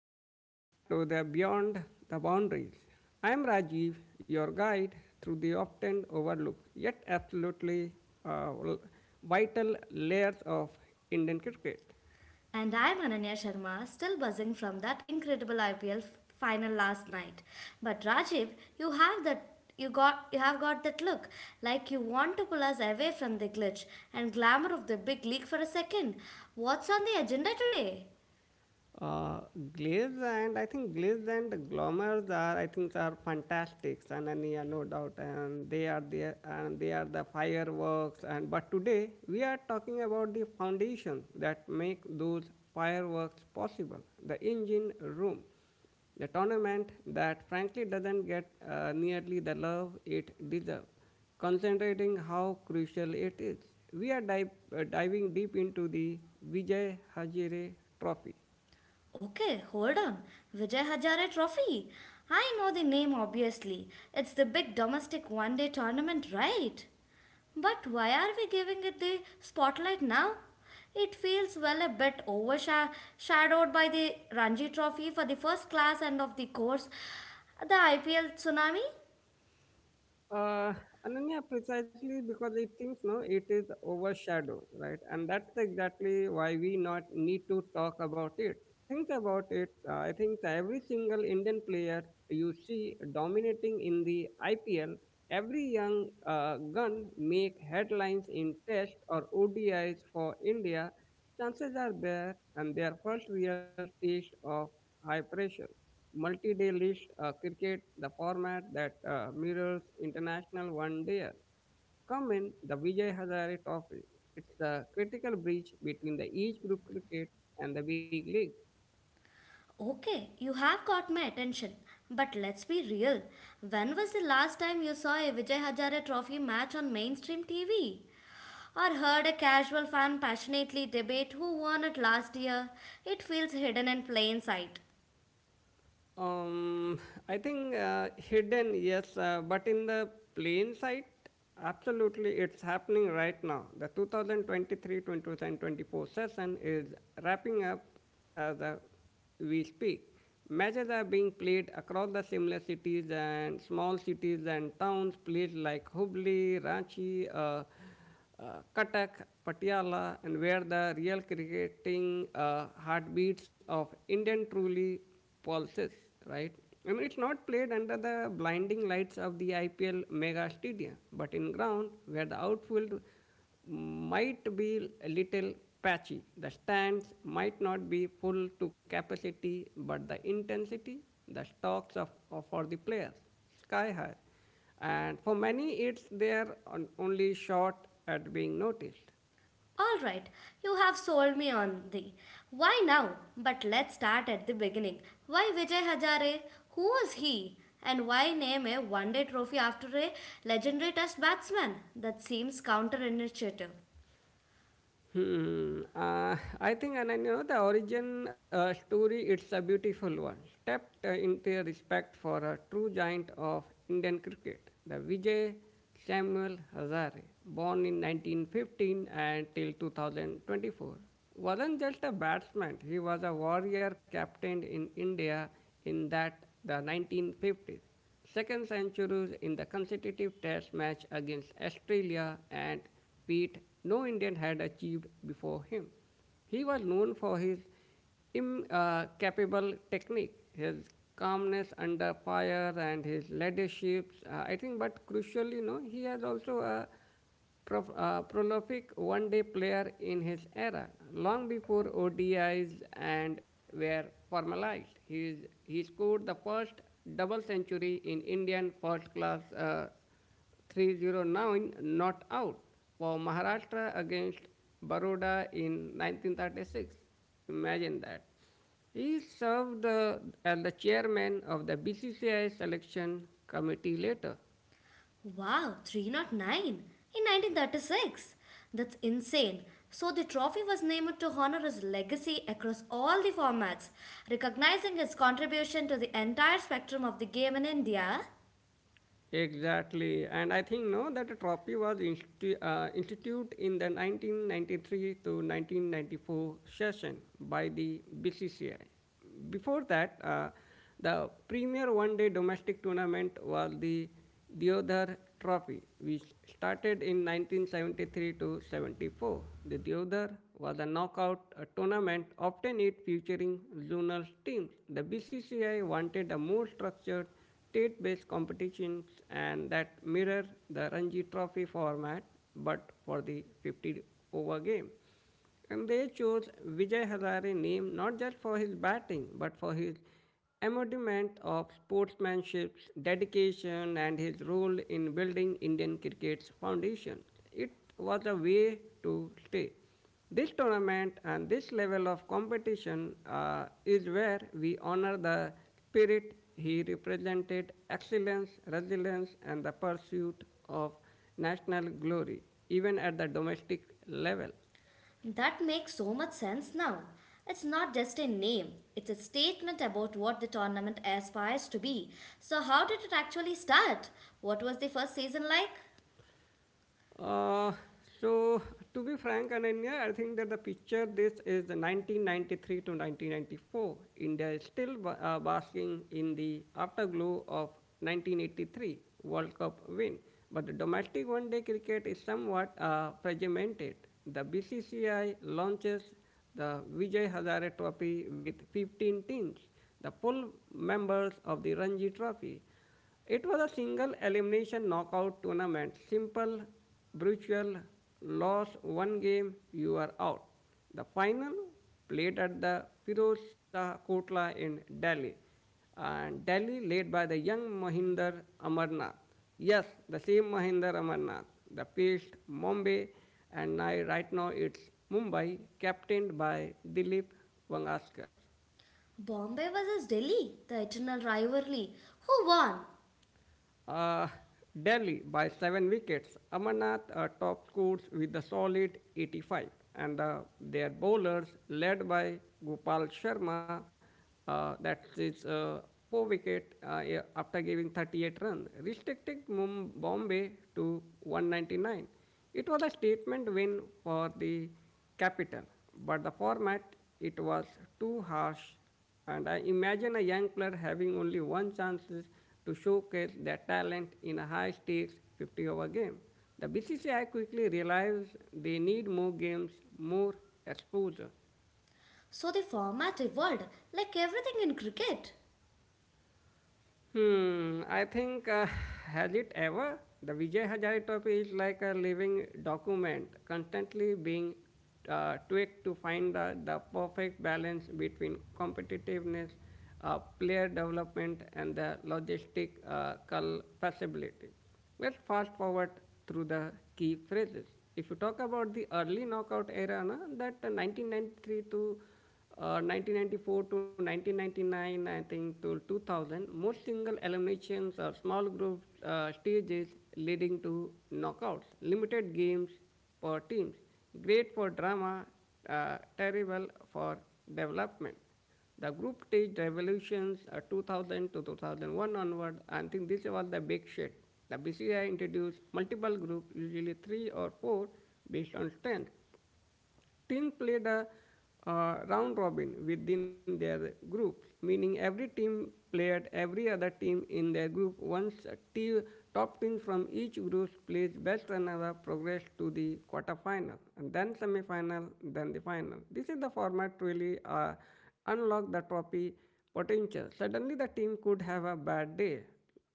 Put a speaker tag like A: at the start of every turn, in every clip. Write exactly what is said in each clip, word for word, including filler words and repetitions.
A: Uh, welcome back to the Beyond the Boundaries. I am Rajiv, your guide through the often overlooked yet absolutely uh, vital layers of Indian cricket.
B: And I'm Ananya Sharma, still buzzing from that incredible I P L final last night. But Rajiv, you have that you got you have got that look like you want to pull us away from the glitch and glamour of the big league for a second. What's on the agenda today?
A: Uh, Glaze and I think Glaze and Glommers are I think are fantastic, and, and yeah, no doubt, and they are there, and they are the fireworks, and but today we are talking about the foundations that make those fireworks possible, the engine room, the tournament that frankly doesn't get uh, nearly the love it deserves, concentrating how crucial it is. We are dive, uh, diving deep into the Vijay Hazare Trophy.
B: Okay, hold on. Vijay Hazare Trophy. I know the name obviously. It's the big domestic one day tournament, right? But why are we giving it the spotlight now? It feels well a bit overshadowed by the Ranji Trophy for the first class and of the course, the I P L tsunami.
A: Uh, Ananya, precisely because it thinks no, it is overshadowed, right? And that's exactly why we not need to talk about it. Think about it. Uh, I think Every single Indian player you see dominating in the I P L, every young uh, gun make headlines in Test or O D Is for India. Chances are there, and their first real taste of high pressure multi-day list uh, cricket, the format that uh, mirrors international one day. Come in the Vijay Hazare Trophy. It's the critical bridge between the each group cricket and the big league.
B: Okay, you have caught my attention. But let's be real. When was the last time you saw a Vijay Hazare Trophy match on mainstream T V, or heard a casual fan passionately debate who won it last year? It feels hidden in plain sight.
A: Um, I think uh, Hidden, yes, uh, but in the plain sight, absolutely, it's happening right now. The two thousand twenty-three to twenty twenty-four session is wrapping up as uh, we speak. Matches are being played across the similar cities and small cities and towns, places like Hubli, Ranchi, uh, uh, Katak, Patiala, and where the real cricketing uh, heartbeats of Indian truly pulses, right? I mean, it's not played under the blinding lights of the I P L mega stadium, but in ground where the outfield might be a little patchy. The stands might not be full to capacity, but the intensity, the stocks of, of for the players, sky high, and for many it's they are on- only short at being noticed.
B: Alright, you have sold me on the why now. But let's start at the beginning. Why Vijay Hazare? Who was he? And why name a one day trophy after a legendary test batsman? That seems counterintuitive.
A: Hmm. Uh, I think, and, and you know, The origin uh, story, it's a beautiful one, stepped uh, into respect for a true giant of Indian cricket, the Vijay Samuel Hazare, born in nineteen fifteen and till two thousand twenty-four, wasn't just a batsman. He was a warrior captain in India in that the nineteen fifties. Second centuries in the consecutive test match against Australia, and feat no Indian had achieved before him. He was known for his incapable uh, technique, his calmness under fire, and his leadership. Uh, I think, but crucially, no, he has also a prof- uh, prolific one-day player in his era, long before O D Is and were formalized. He's, he scored the first double century in Indian first-class uh, three hundred nine not out for Maharashtra against Baroda in nineteen thirty-six. Imagine that. He served uh, as the chairman of the B C C I selection committee later.
B: Wow, three hundred nine in nineteen thirty-six. That's insane. So the trophy was named to honor his legacy across all the formats, recognizing his contribution to the entire spectrum of the game in India.
A: Exactly, and I think no that the trophy was insti- uh, instituted in the nineteen ninety-three to nineteen ninety-four session by the B C C I. Before that, uh, the premier one-day domestic tournament was the Deodhar Trophy, which started in nineteen seventy-three to seventy-four. The Deodhar was a knockout uh, tournament, often it featuring zonal teams. The B C C I wanted a more structured state based competitions and that mirror the Ranji Trophy format but for the fifty over game. And they chose Vijay Hazare name not just for his batting but for his embodiment of sportsmanship, dedication, and his role in building Indian cricket's foundation. It was a way to stay. This tournament and this level of competition uh, is where we honor the spirit he represented: excellence, resilience, and the pursuit of national glory, even at the domestic level.
B: That makes so much sense now. It's not just a name, it's a statement about what the tournament aspires to be. So, how did it actually start? What was the first season like?
A: Uh, so, to be frank, Ananya, I think that the picture this is the nineteen ninety-three to nineteen ninety-four. India is still ba- uh, basking in the afterglow of nineteen eighty-three World Cup win, but the domestic one-day cricket is somewhat uh, fragmented. The B C C I launches the Vijay Hazare Trophy with fifteen teams, the full members of the Ranji Trophy. It was a single elimination knockout tournament. Simple, brutal, lost one game, you are out. The final played at the Firoz Shah Kotla in Delhi. And Delhi led by the young Mahinder Amarnath. Yes, the same Mahinder Amarnath. The faced Mumbai, and now right now it's Mumbai captained by Dilip Vangaskar.
B: Bombay versus Delhi, the eternal rivalry. Who won?
A: Uh, Delhi by seven wickets. Amarnath uh, top scores with a solid eighty-five. And uh, their bowlers, led by Gopal Sharma, uh, that's his uh, four wicket, uh, yeah, after giving thirty-eight runs, restricted Mum- Bombay to one hundred ninety-nine. It was a statement win for the capital, but the format it was too harsh, and I imagine a young player having only one chance to showcase their talent in a high stakes fifty over game. The B C C I quickly realized they need more games, more exposure.
B: So the format evolved like everything in cricket.
A: Hmm, I think uh, Has it ever? The Vijay Hazare trophy is like a living document, constantly being uh, tweaked to find the, the perfect balance between competitiveness, uh, player development, and the logistic uh, culpability. Let's fast forward through the key phrases. If you talk about the early knockout era, na, that uh, nineteen ninety-three to uh, nineteen ninety-four to nineteen ninety-nine, I think to two thousand, most single eliminations or small group uh, stages leading to knockouts, limited games per teams, great for drama, uh, terrible for development. The group stage revolutions uh, two thousand to two thousand one onward, I think this was the big shift. The B C I introduced multiple groups, usually three or four, based on strength team played a uh, round robin within their group, meaning every team played every other team in their group. Once a team, top team from each group plays best runner-up progress to the quarterfinal, and then semifinal, then the final. This is the format really uh, unlock the trophy potential. Suddenly, the team could have a bad day,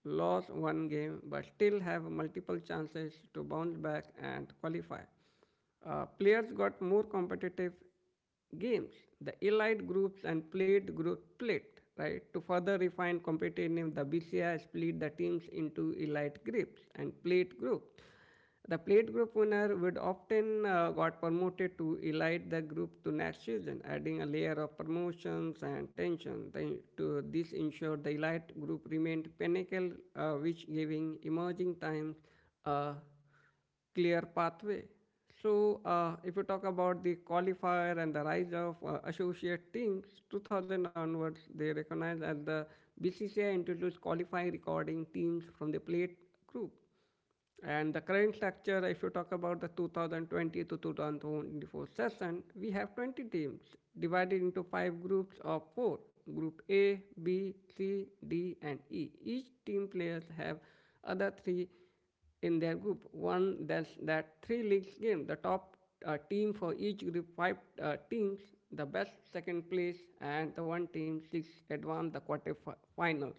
A: lost one game, but still have multiple chances to bounce back and qualify. Uh, players got more competitive games. The elite groups and plate group split, right? To further refine competitive, the B C I split the teams into elite groups and plate groups. The plate group winner would often uh, got promoted to elite the group to next season, adding a layer of promotions and tension. Then to this ensured the elite group remained pinnacle, uh, which giving emerging times a uh, clear pathway. So, uh, if you talk about the qualifier and the rise of uh, associate teams, two thousand onwards, they recognized as the B C C I introduced qualifying recording teams from the plate group. And the current structure, if you talk about the two thousand twenty to two thousand twenty-four session, we have twenty teams divided into five groups of four: Group A, B, C, D, and E. Each team players have other three in their group won that, that three leagues game. The top uh, team for each group, five uh, teams, the best second place, and the one team six advance the quarterfinals.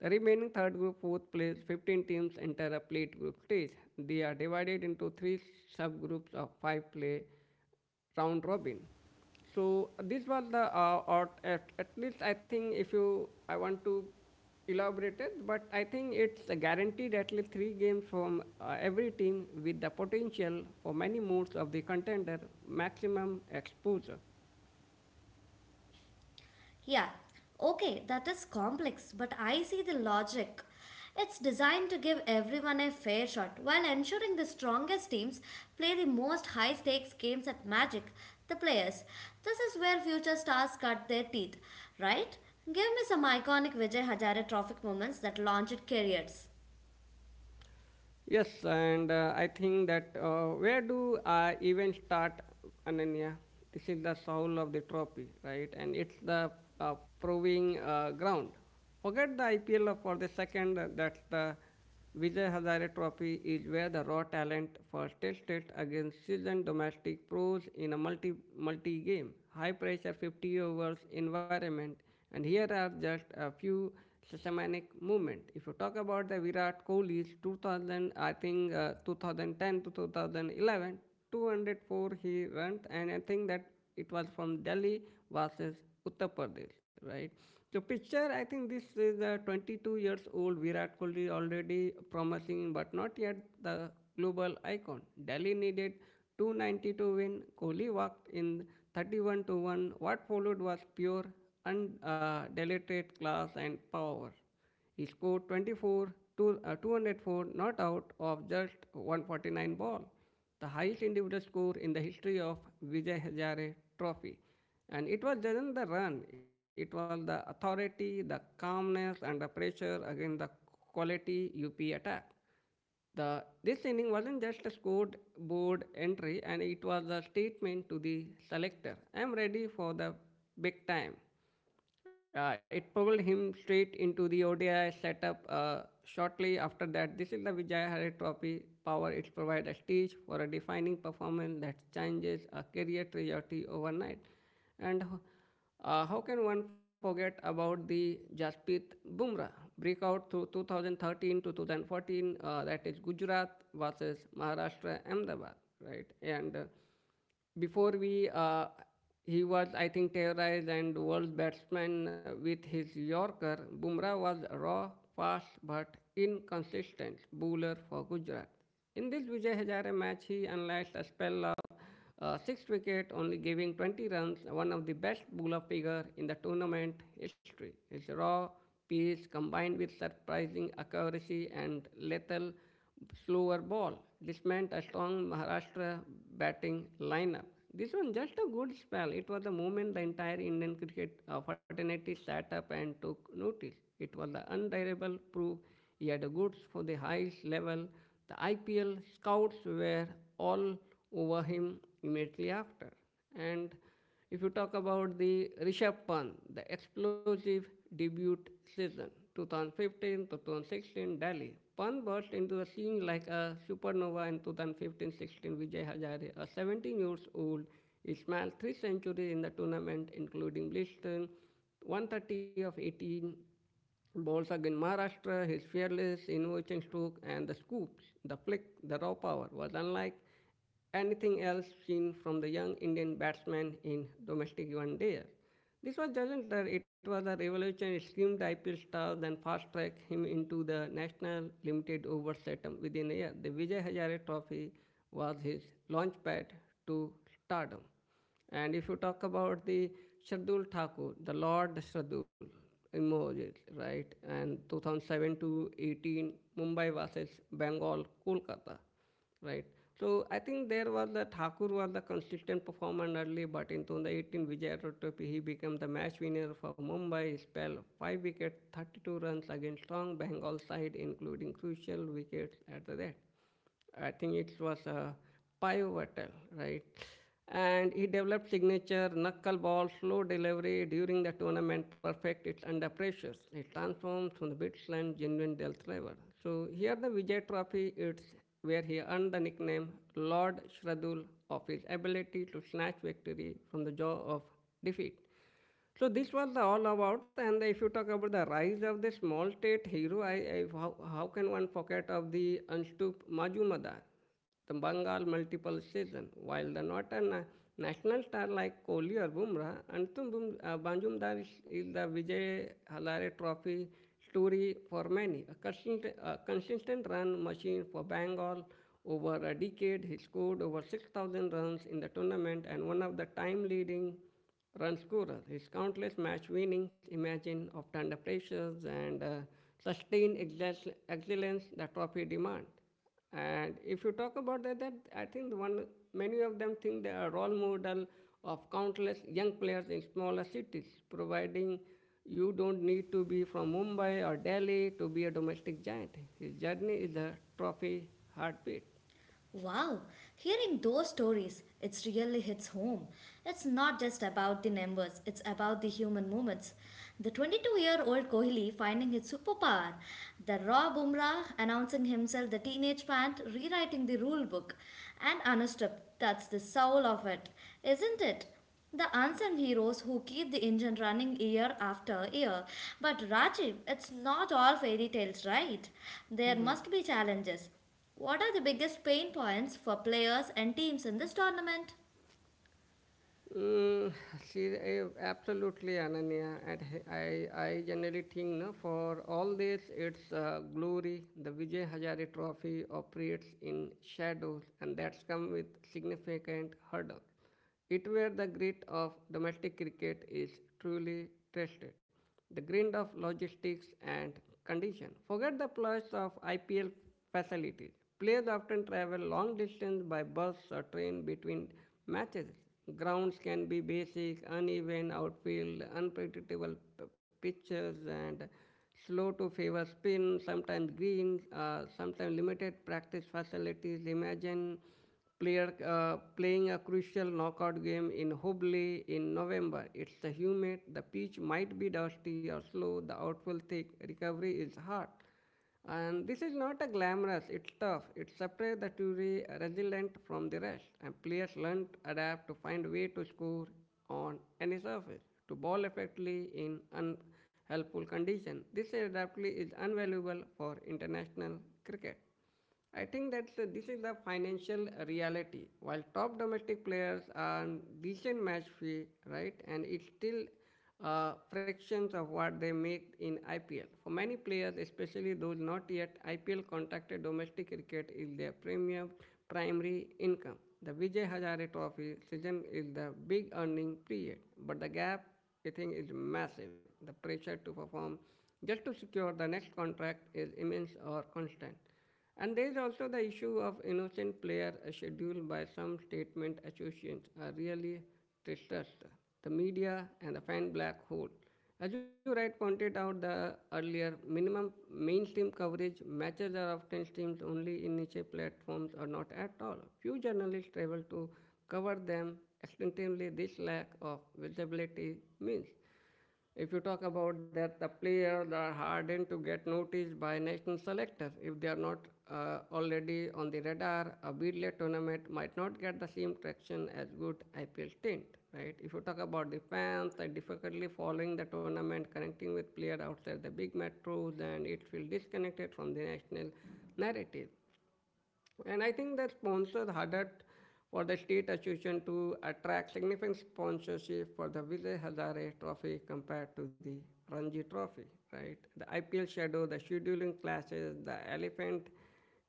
A: The remaining third group, fourth place, fifteen teams enter a plate group stage. They are divided into three subgroups of five play round robin. So this was the uh, or at, at least I think if you I want to elaborate it, but I think it's a guaranteed at least three games from uh, every team with the potential for many moves of the contender, maximum exposure.
B: Yeah, okay, that is complex, but I see the logic. It's designed to give everyone a fair shot while ensuring the strongest teams play the most high stakes games at Magic, the players. This is where future stars cut their teeth, right? Give me some iconic Vijay Hazare Trophy moments that launched careers.
A: Yes, and uh, I think that uh, where do I even start, Ananya? This is the soul of the trophy, right? And it's the uh, proving uh, ground. Forget the I P L for the second. uh, That's the Vijay Hazare Trophy is where the raw talent first tested against seasoned domestic pros in a multi multi game, high pressure fifty overs environment. And here are just a few systematic movement. If you talk about the Virat Kohli's two thousand, I think uh, two thousand ten to two thousand eleven, two hundred four he runs, and I think that it was from Delhi versus Uttar Pradesh, right? So picture, I think this is a twenty-two years old Virat Kohli, already promising, but not yet the global icon. Delhi needed two hundred ninety to win. Kohli walked in thirty-one to one. What followed was pure and uh, deleted class and power. He scored twenty-four, two, uh, two hundred four not out of just one hundred forty-nine ball, the highest individual score in the history of Vijay Hazare Trophy. And it was just the run, it was the authority, the calmness, and the pressure against the quality U P attack. The, this inning wasn't just a scored board entry, and it was a statement to the selector: I'm ready for the big time. Uh, it pulled him straight into the O D I setup uh, shortly after that. This is the Vijay Hare Trophy power. It provides a stage for a defining performance that changes a career trajectory overnight. And uh, how can one forget about the Jasprit Bumrah breakout through two thousand thirteen to two thousand fourteen? Uh, that is Gujarat versus Maharashtra Ahmedabad, right? And uh, before we, uh, he was, I think, terrorized and world batsman with his Yorker. Bumrah was raw, fast, but inconsistent bowler for Gujarat, in this, Vijay Hazare match, he unleashed a spell of uh, six wickets, only giving twenty runs, one of the best bowler figure in the tournament history. His raw pace combined with surprising accuracy and lethal slower ball. This meant a strong Maharashtra batting lineup. This was just a good spell. It was the moment the entire Indian cricket uh, fraternity sat up and took notice. It was the undeniable proof he had the goods for the highest level. The I P L scouts were all over him immediately after. And if you talk about the Rishabh Pant, the explosive debut season, two thousand fifteen to two thousand sixteen Delhi. Pant burst into the scene like a supernova in twenty fifteen sixteen Vijay Hazare, a seventeen years old. He smashed three centuries in the tournament, including blistering one thirty of eighteen Bowls again Maharashtra, his fearless, innovation stroke, and the scoops, the flick, the raw power was unlike anything else seen from the young Indian batsman in domestic one day. This was doesn't it was a revolution. It screamed I P L stars and fast tracked him into the national limited over setup within a year. The Vijay Hazare Trophy was his launch pad to stardom. And if you talk about the Shardul Thakur, the Lord Shardul in right? And two thousand seven to eighteen, Mumbai versus Bengal, Kolkata, right? So I think there was the Thakur was the consistent performer early, but in twenty eighteen Vijay Rotopy he became the match winner for Mumbai. He spell five wickets, thirty-two runs against strong Bengal side, including crucial wickets at the death. I think it was a pivotal, right? And he developed signature knuckleball slow delivery during the tournament, perfect it's under pressure. It transforms from the Bitsland genuine Del Trevor. So here the Vijay Trophy, it's where he earned the nickname Lord Shradul of his ability to snatch victory from the jaw of defeat. So this was the all about, and if you talk about the rise of the small state hero, I, I how, how can one forget of the Anstup Majumdar, the Bengal multiple season, while the northern na- national star like Kohli or Bumrah, Anstup Bum, uh, Majumdar is, is the Vijay Halare Trophy story for many. A consistent, a consistent run machine for Bengal over a decade, he scored over six thousand runs in the tournament and one of the time leading run scorer. His countless match winnings, imagine, of under pressures and uh, sustained excel- excellence the trophy demand. And if you talk about that, that I think the one many of them think they are role model of countless young players in smaller cities, providing you don't need to be from Mumbai or Delhi to be a domestic giant. His journey is a trophy heartbeat.
B: Wow, hearing those stories, it really hits home. It's not just about the numbers, it's about the human moments. The twenty-two year old Kohli finding his superpower, the raw Bumrah announcing himself, the teenage pant, rewriting the rule book, and anushka, that's the soul of it, isn't it? The unsung heroes who keep the engine running year after year. But Rajiv, it's not all fairy tales, right? There
A: Mhm.
B: must be challenges. What are the biggest pain points for players and teams in this tournament?
A: Mm, see, I- absolutely, Ananya. And h- I, I generally think no, for all this, its uh, glory, the Vijay Hazare Trophy operates in shadows, and that's come with significant hurdles. It where the grit of domestic cricket is truly tested the grind of logistics and condition. Forget the plus of I P L facilities. Players often travel long distance by bus or train between matches. Grounds can be basic, uneven outfield, unpredictable pitches, and slow to favor spin, sometimes greens, uh, sometimes limited practice facilities. Imagine player uh, playing a crucial knockout game in Hubli in November. It's humid, the pitch might be dusty or slow, the outfall thick, recovery is hard. And this is not a glamorous, it's tough. It separates the Toure resilient from the rest, and players learn to adapt to find way to score on any surface, to ball effectively in unhelpful condition. This adaptability is invaluable for international cricket. I think that uh, this is the financial reality. While top domestic players earn decent match fee, right, and it's still uh, fractions of what they make in I P L. For many players, especially those not yet I P L contracted, domestic cricket is their premium primary income. The Vijay Hazare Trophy season is the big earning period, but the gap I think is massive. The pressure to perform just to secure the next contract is immense or constant. And there is also the issue of innocent player uh, scheduled by some statement associations are really distressed. The media and the fan black hole. As you right pointed out the earlier, minimum mainstream coverage matches are often streamed only in niche platforms or not at all. Few journalists travel to cover them extensively. This lack of visibility means if you talk about that, the players are hardened to get noticed by national selectors. If they are not uh, already on the radar, a B D L tournament might not get the same traction as good I P L stint, right? If you talk about the fans, they difficultly following the tournament, connecting with players outside the big metros, and it will disconnected from the national narrative. And I think that sponsors harder for the state association to attract significant sponsorship for the Vijay Hazare Trophy compared to the Ranji Trophy, right? The I P L shadow, the scheduling clashes, the elephant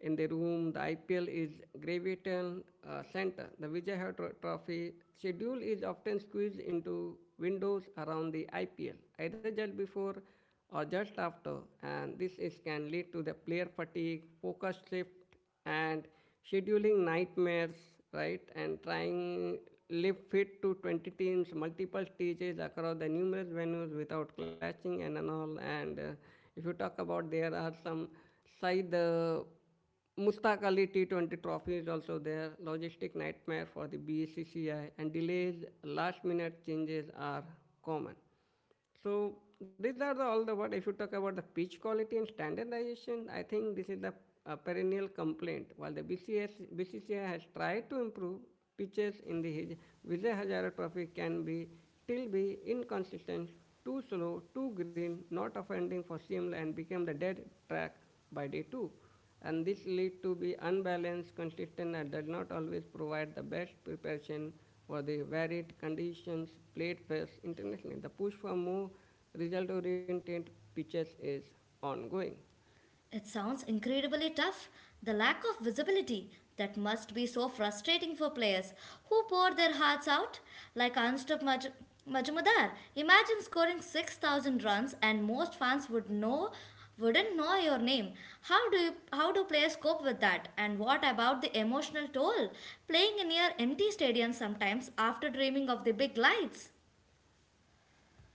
A: in the room, the I P L is gravitating uh, center. The Vijay Hazare Trophy schedule is often squeezed into windows around the I P L, either just before or just after, and this is can lead to the player fatigue, focus shift, and scheduling nightmares right and trying live fit to twenty teams multiple stages across the numerous venues without clashing and, and all and uh, if you talk about there are some side the Mustaq Ali T twenty trophy is also there, logistic nightmare for the B C C I, and delays, last minute changes are common. So these are the all the what if you talk about the pitch quality and standardization, I think this is the uh, perennial complaint. While the B C S B C C I has tried to improve pitches in the Hij- Vijay Hazare Trophy can be still be inconsistent, too slow, too green, not offending for seamless and became the dead track by day two and this lead to be unbalanced, consistent, and does not always provide the best preparation for the varied conditions played first internationally. The push for more result-oriented pitches is ongoing.
B: It sounds incredibly tough. The lack of visibility, that must be so frustrating for players who pour their hearts out, like Anstup Maj- Majumdar. Imagine scoring six thousand runs and most fans would know wouldn't know your name. How do you, how do players cope with that? And what about the emotional toll playing in your empty stadium sometimes after dreaming of the big lights?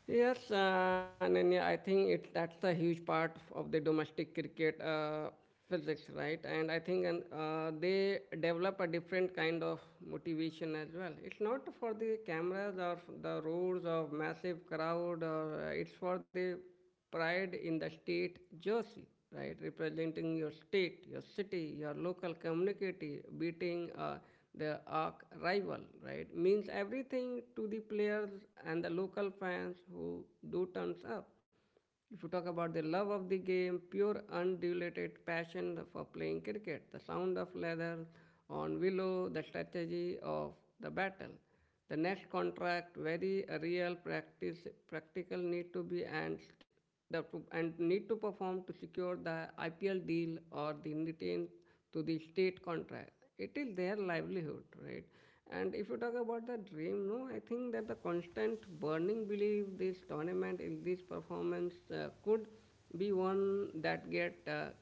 A: Yes, uh, Nanya, I think it that's a huge part f- of the domestic cricket uh, physics, right? And I think and uh, they develop a different kind of motivation as well. It's not for the cameras or f- the roars of massive crowd, or uh, it's for the pride in the state jersey, right? Representing your state, your city, your local community, beating uh, the arch rival, right? Means everything to the players and the local fans who do turns up. If you talk about the love of the game, pure undiluted passion for playing cricket, the sound of leather on willow, the strategy of the battle the next contract very real practice practical need to be and the, and need to perform to secure the I P L deal or the retain to the state contract. It is their livelihood, right? And if you talk about the dream, no, I think that the constant burning belief this tournament in this performance uh, could be one that get uh,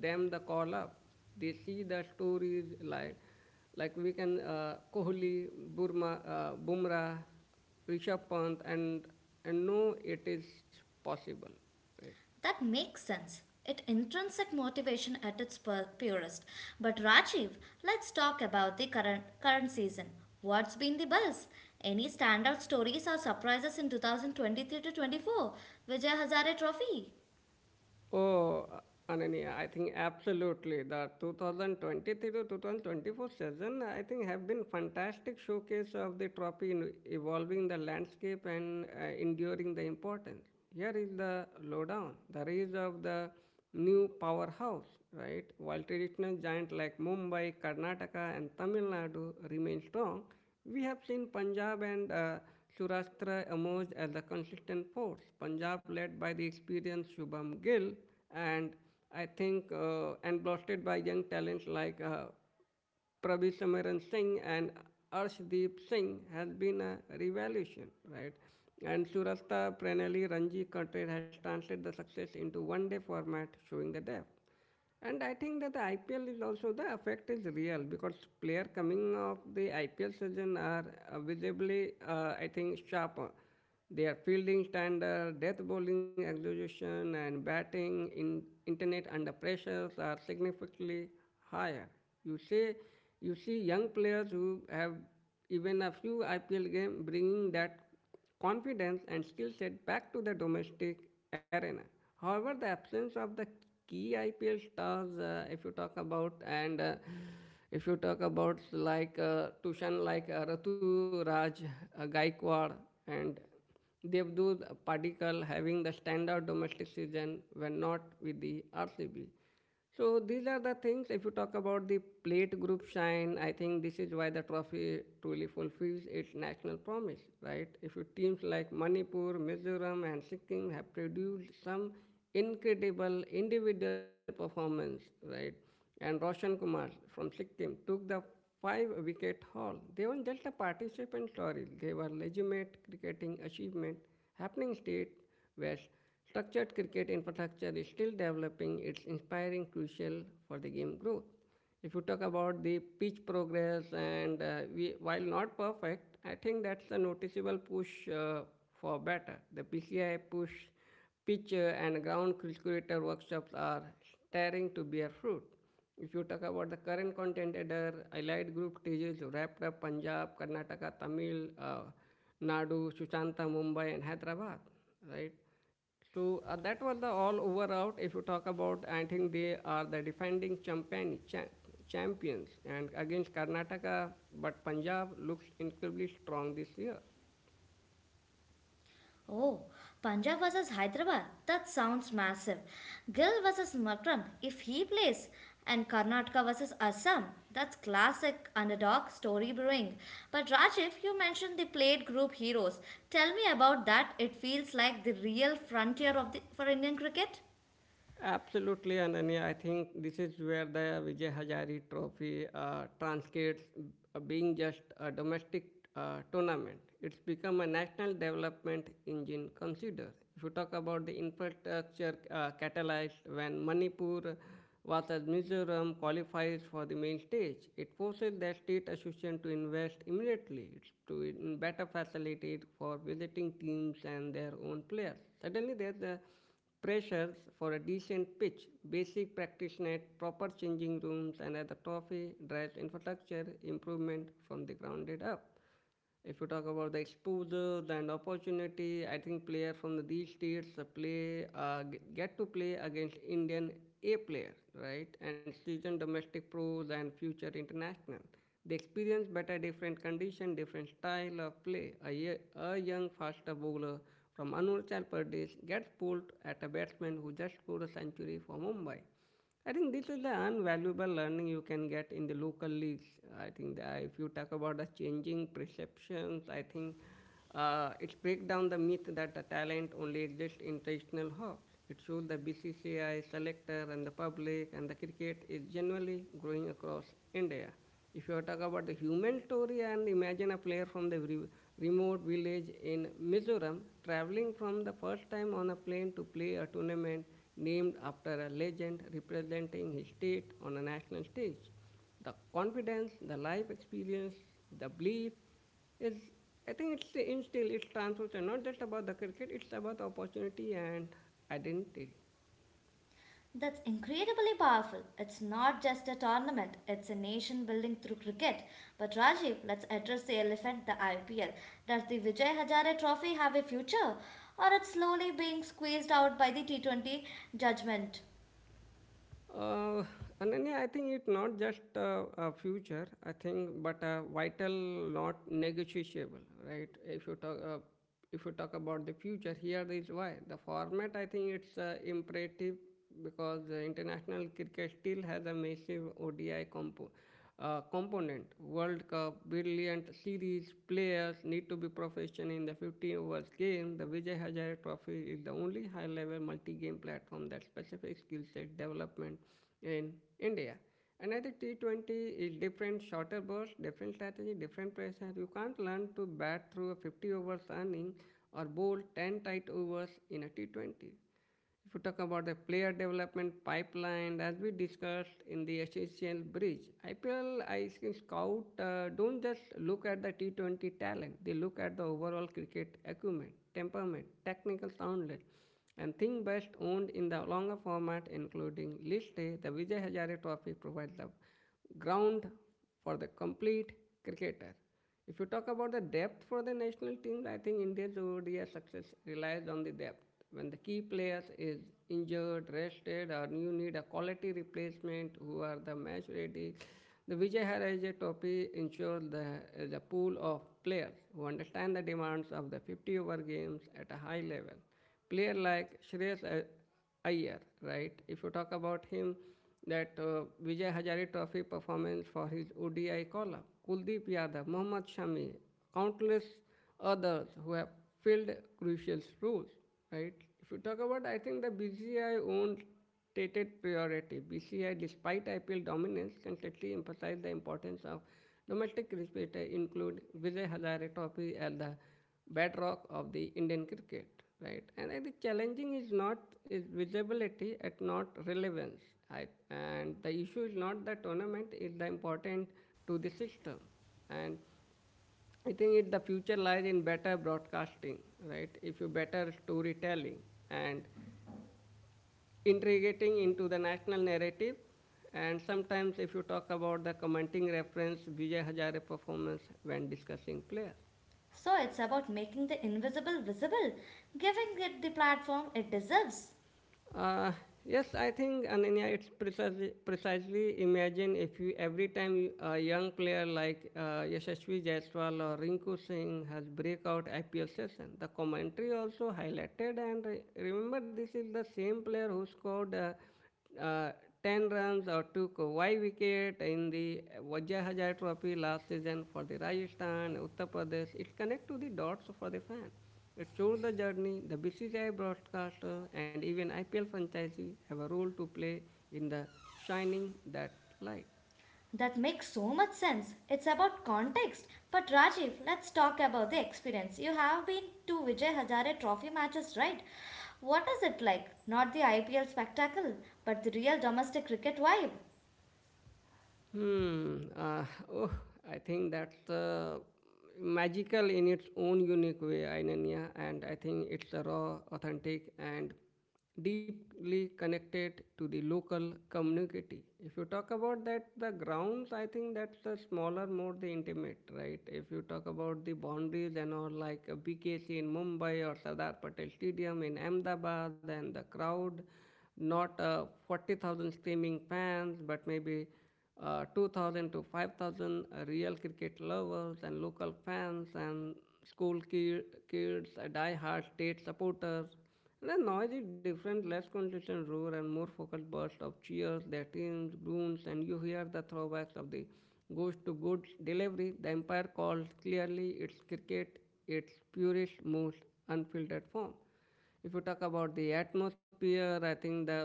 A: them the call up. They see the stories like like we can uh, Kohli, Burma, uh, Bumrah, Rishabh Pant, and and no, it is possible. Right?
B: That makes sense. It intrinsic motivation at its pur- purest. But Rajiv, let's talk about the current current season. What's been the buzz? Any standout stories or surprises in twenty twenty-three to twenty-four Vijay Hazare Trophy?
A: Oh, uh, Ananya, I think absolutely the two thousand twenty-three to two thousand twenty-four season, I think, have been fantastic showcase of the trophy in evolving the landscape and uh, enduring the importance. Here is the lowdown. The rise of the new powerhouse, right? While traditional giants like Mumbai, Karnataka, and Tamil Nadu remain strong, we have seen Punjab and uh, Surashtra emerge as a consistent force. Punjab, led by the experienced Shubham Gill, and I think, uh, and bolstered by young talents like uh, Prabhu Samaran Singh and Arshdeep Singh has been a revolution, right? And Surasta Pranali Ranji Katre has translated the success into one-day format, showing the depth. And I think that the I P L is also the effect is real because player coming of the I P L season are uh, visibly, uh, I think, sharper their fielding standard, death bowling execution, and batting in internet under pressures are significantly higher. You see, you see young players who have even a few I P L games bringing that confidence and skill set back to the domestic arena. However, the absence of the key I P L stars, uh, if you talk about, and uh, if you talk about like uh, Tushan, like uh, Ratu Raj uh, Gaikwad, and Devdut particle having the standard domestic season when not with the R C B. So these are the things. If you talk about the plate group shine, I think this is why the trophy truly fulfills its national promise, right? If you teams like Manipur, Mizoram, and Sikkim have produced some incredible individual performance, right? And Roshan Kumar from Sikkim took the five wicket haul. They weren't just a participant story, they were legitimate cricketing achievement happening state where structured cricket infrastructure is still developing, it's inspiring, crucial for the game growth. If you talk about the pitch progress, and uh, we, while not perfect, I think that's a noticeable push uh, for better. The P C I push pitcher and ground calculator workshops are starting to bear fruit. If you talk about the current content header, allied group stages wrapped up Punjab, Karnataka, Tamil, uh, Nadu, Sushanta, Mumbai, and Hyderabad, right? So uh, that was the all over out. If you talk about, I think they are the defending champion, cha- champions, and against Karnataka, but Punjab looks incredibly strong this year.
B: Oh, Punjab versus Hyderabad. That sounds massive. Gill versus Makram, if he plays. And Karnataka versus Assam. That's classic underdog story brewing. But Rajiv, you mentioned the Plate group heroes. Tell me about that. It feels like the real frontier of the for Indian cricket.
A: Absolutely, Ananya. I think this is where the Vijay Hazare Trophy uh, transcends uh, being just a domestic uh, tournament. It's become a national development engine. Consider, if you talk about the infrastructure uh, catalyzed when Manipur versus Mizoram qualifies for the main stage, it forces the state association to invest immediately. It's to in better facilitate for visiting teams and their own players. Suddenly, there's a pressures for a decent pitch, basic practice net, proper changing rooms, and other the trophy drives infrastructure improvement from the grounded up. If you talk about the exposure and opportunity, I think players from these states uh, play uh, get to play against Indian A players, right? And seasoned domestic pros and future international. They experience better different condition, different style of play. A, a young faster bowler from Anurachal Pradesh gets pulled at a batsman who just scored a century for Mumbai. I think this is the invaluable learning you can get in the local leagues. I think that if you talk about the changing perceptions, I think uh, it breaks down the myth that the talent only exists in traditional hubs. It shows the B C C I, selector, and the public, and the cricket is generally growing across India. If you talk about the human story and imagine a player from the re- remote village in Mizoram traveling from the first time on a plane to play a tournament named after a legend representing his state on a national stage. The confidence, the life experience, the belief is, I think it's instilled. It's transformation, not just about the cricket, it's about opportunity and identity.
B: That's incredibly powerful. It's not just a tournament, it's a nation building through cricket. But Rajiv, let's address the elephant, the I P L. Does the Vijay Hazare Trophy have a future? Or it's slowly being squeezed out by the T twenty judgment?
A: Uh, Ananya, I think it's not just uh, a future, I think, but a vital, not negotiable, right? If you talk, uh, if you talk about the future, here is why. The format, I think, it's uh, imperative because the international cricket still has a massive O D I component uh, component. World Cup, brilliant series, players need to be professional in the 15 overs game. The Vijay Hazare Trophy is the only high-level multi-game platform that specific skill set development in India. Another T twenty is different shorter bursts, different strategy, different pressure. You can't learn to bat through a 50 overs inning or bowl ten tight overs tight overs in a T twenty. If you talk about the player development pipeline, as we discussed in the essential bridge, I P L I C scout uh, don't just look at the T twenty talent; they look at the overall cricket acumen, temperament, technical soundness, and thing best owned in the longer format, including list day. The Vijay Hazare Trophy provides the ground for the complete cricketer. If you talk about the depth for the national team, I think India's O D I success relies on the depth. When the key players is injured, rested, or you need a quality replacement who are the match ready, the Vijay Haraje Trophy ensures the, the pool of players who understand the demands of the 50 over games at a high level. Player like Shreyas uh, Iyer, right? If you talk about him, that uh, Vijay Hazare Trophy performance for his O D I call-up, Kuldeep Yadav, Mohammad Shami, countless others who have filled crucial roles, right? If you talk about, I think the B C C I owns stated priority. B C I, despite I P L dominance, constantly emphasized the importance of domestic cricket. Include Vijay Hazare Trophy as the bedrock of the Indian cricket, right? And I think challenging is not is visibility at not relevance. I, and the issue is not the tournament is the important to the system. And I think it, the future lies in better broadcasting, right? If you better storytelling and integrating into the national narrative. And sometimes, if you talk about the commenting reference, Vijay Hazare performance when discussing player.
B: So it's about making the invisible visible, giving it the platform it deserves.
A: Uh, yes, I think Ananya, it's precisely, precisely imagine if you every time a young player like uh, Yashasvi Jaiswal or Rinku Singh has breakout I P L session, the commentary also highlighted and re- remember this is the same player who scored uh, uh, 10 runs or took Y wicket in the Vajra Hazare Trophy last season for the Rajasthan, Uttar Pradesh. It connects to the dots for the fan. It shows the journey. The B C C I broadcaster and even I P L franchisee have a role to play in the shining that light.
B: That makes so much sense. It's about context. But Rajiv, let's talk about the experience. You have been to Vijay Hazare trophy matches, right? What is it like? Not the I P L spectacle, but the real domestic cricket vibe.
A: Hmm. Uh, oh, I think that's uh, magical in its own unique way, Ainanya, and I think it's a raw, authentic, and deeply connected to the local community. If you talk about that, the grounds, I think that's the smaller, more the intimate, right? If you talk about the boundaries and all, like a B K C in Mumbai or Sardar Patel Stadium in Ahmedabad, and the crowd, not uh, forty thousand screaming fans, but maybe uh, two thousand to five thousand real cricket lovers and local fans and school ki- kids, uh, die-hard state supporters, and a noisy, different, less consistent roar and more focused bursts of cheers, their teams, groans, and you hear the throwbacks of the goes to good delivery. The umpire calls clearly it's cricket, its purest, most unfiltered form. If you talk about the atmosphere, I think the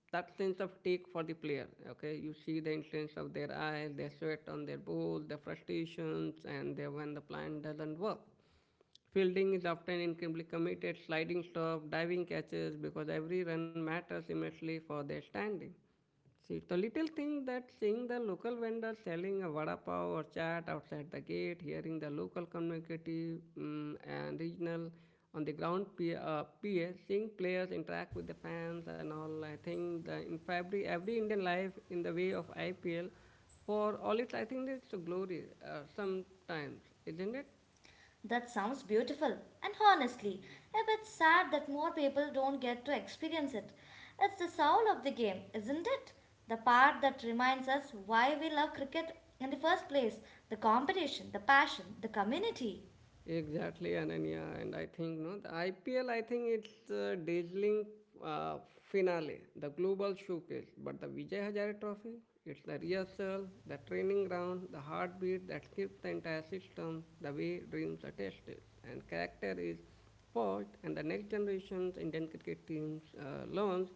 A: that sense of take for the player. Okay, you see the influence of their eye, their sweat on their ball, their frustrations, and their when the plan doesn't work. Fielding is often incredibly committed, sliding stop, diving catches, because every run matters immensely for their standing. See, the little thing that seeing the local vendor selling a vada pav or chat outside the gate, hearing the local community mm and regional on the ground pa, uh, peer, seeing players interact with the fans and all, I think the, in February, every Indian life in the way of I P L, for all it, I think it's a glory uh, sometimes, isn't it?
B: That sounds beautiful. And honestly, a bit sad that more people don't get to experience it. It's the soul of the game, isn't it? The part that reminds us why we love cricket in the first place, the competition, the passion, the community.
A: Exactly, Ananya. And I think no, the I P L. I think it's a dazzling uh, finale, the global showcase. But the Vijay Hazare Trophy, it's the rehearsal, the training ground, the heartbeat that shifts the entire system, the way dreams are tested, and character is forged. And the next generation's Indian cricket teams uh, learns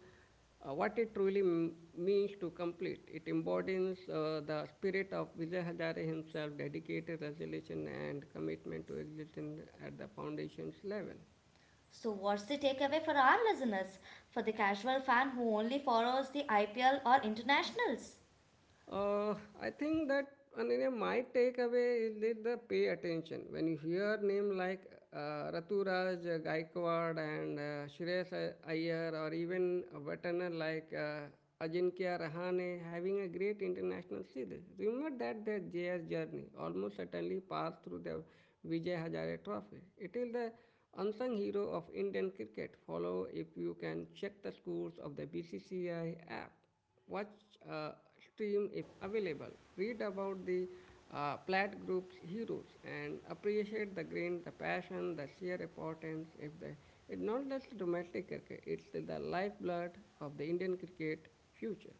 A: uh, what it truly m- means to complete. It embodies uh, the spirit of Vijay Hazare himself, dedicated resolution and commitment to existence at the foundation's level.
B: So, what's the takeaway for our listeners? For the casual fan who only follows the I P L or internationals?
A: Uh, I think that and you my takeaway is that the pay attention. When you hear names like uh, Raturaj uh, Gaikwad and uh, Shreyas uh, Iyer or even a veteran like uh, Ajinkya Rahane having a great international seed, remember that their J S journey almost certainly passed through the Vijay Hazare Trophy. It is the unsung hero of Indian cricket. Follow if you can check the scores of the B C C I app, watch a stream if available, read about the uh, Platt Group's heroes, and appreciate the grain, the passion, the sheer importance. If the it's not just domestic cricket; it's the lifeblood of the Indian cricket future.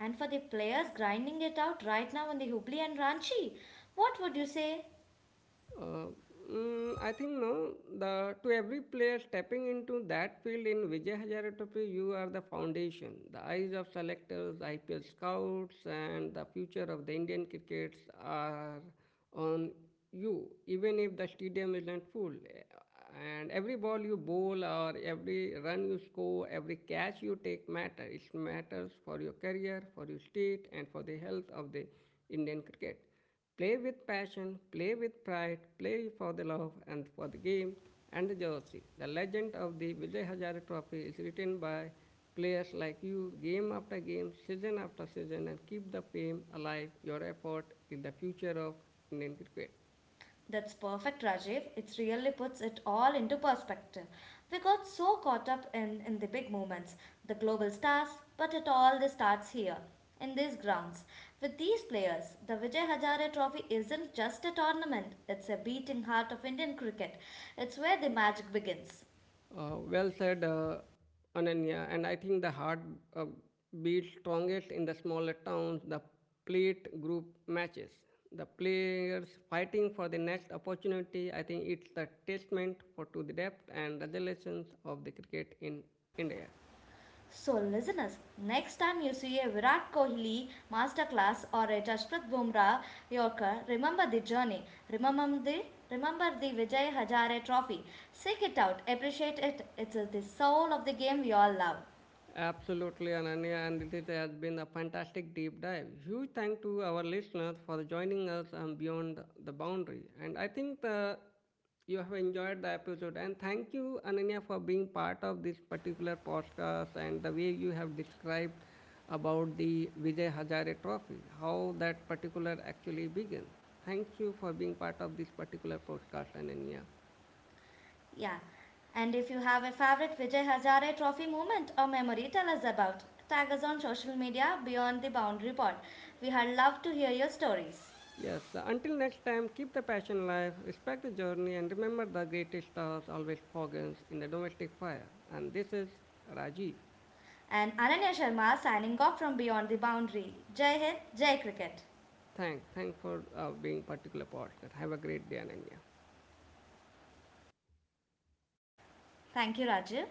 B: And for the players grinding it out right now in the Hubli and Ranchi? What would you say?
A: Uh, mm, I think no. The to every player stepping into that field in Vijay Hazare Trophy, you are the foundation, the eyes of selectors, I P L scouts, and the future of the Indian crickets are on you. Even if the stadium isn't full, and every ball you bowl or every run you score, every catch you take matter. It matters for your career, for your state, and for the health of the Indian cricket. Play with passion, play with pride, play for the love and for the game and the jersey. The legend of the Vijay Hazare Trophy is written by players like you game after game, season after season and keep the fame alive. Your effort is the future of Indian cricket.
B: That's perfect, Rajiv. It really puts it all into perspective. We got so caught up in, in the big moments, the global stars, but it all this starts here, in these grounds. With these players, the Vijay Hazare Trophy isn't just a tournament, it's a beating heart of Indian cricket. It's where the magic begins.
A: Uh, well said, uh, Ananya. And I think the heart uh, beats strongest in the smaller towns, the plate group matches. The players fighting for the next opportunity, I think it's a testament for to the depth and resilience of the cricket in India.
B: So, listeners, next time you see a Virat Kohli masterclass or a Jasprit Bumrah Yorker, remember the journey. Remember the Remember the Vijay Hazare Trophy. Seek it out, appreciate it. It's uh, the soul of the game we all love.
A: Absolutely, Ananya, and this has been a fantastic deep dive. Huge thank to our listeners for joining us um, beyond the boundary. And I think the, you have enjoyed the episode. And thank you, Ananya, for being part of this particular podcast and the way you have described about the Vijay Hazare Trophy, how that particular actually begins. Thank you for being part of this particular podcast, Ananya.
B: Yeah. And if you have a favorite Vijay Hazare Trophy moment or memory, tell us about. Tag us on social media beyond the boundary pod. We had love to hear your stories.
A: Yes, until next time, keep the passion alive, respect the journey, and remember the greatest stars always foggins in the domestic fire. And this is Rajiv.
B: And Ananya Sharma signing off from Beyond the Boundary. Jai Hind, Jai Cricket.
A: Thanks, thanks for uh, being particular partner. Have a great day, Ananya.
B: Thank you, Rajiv.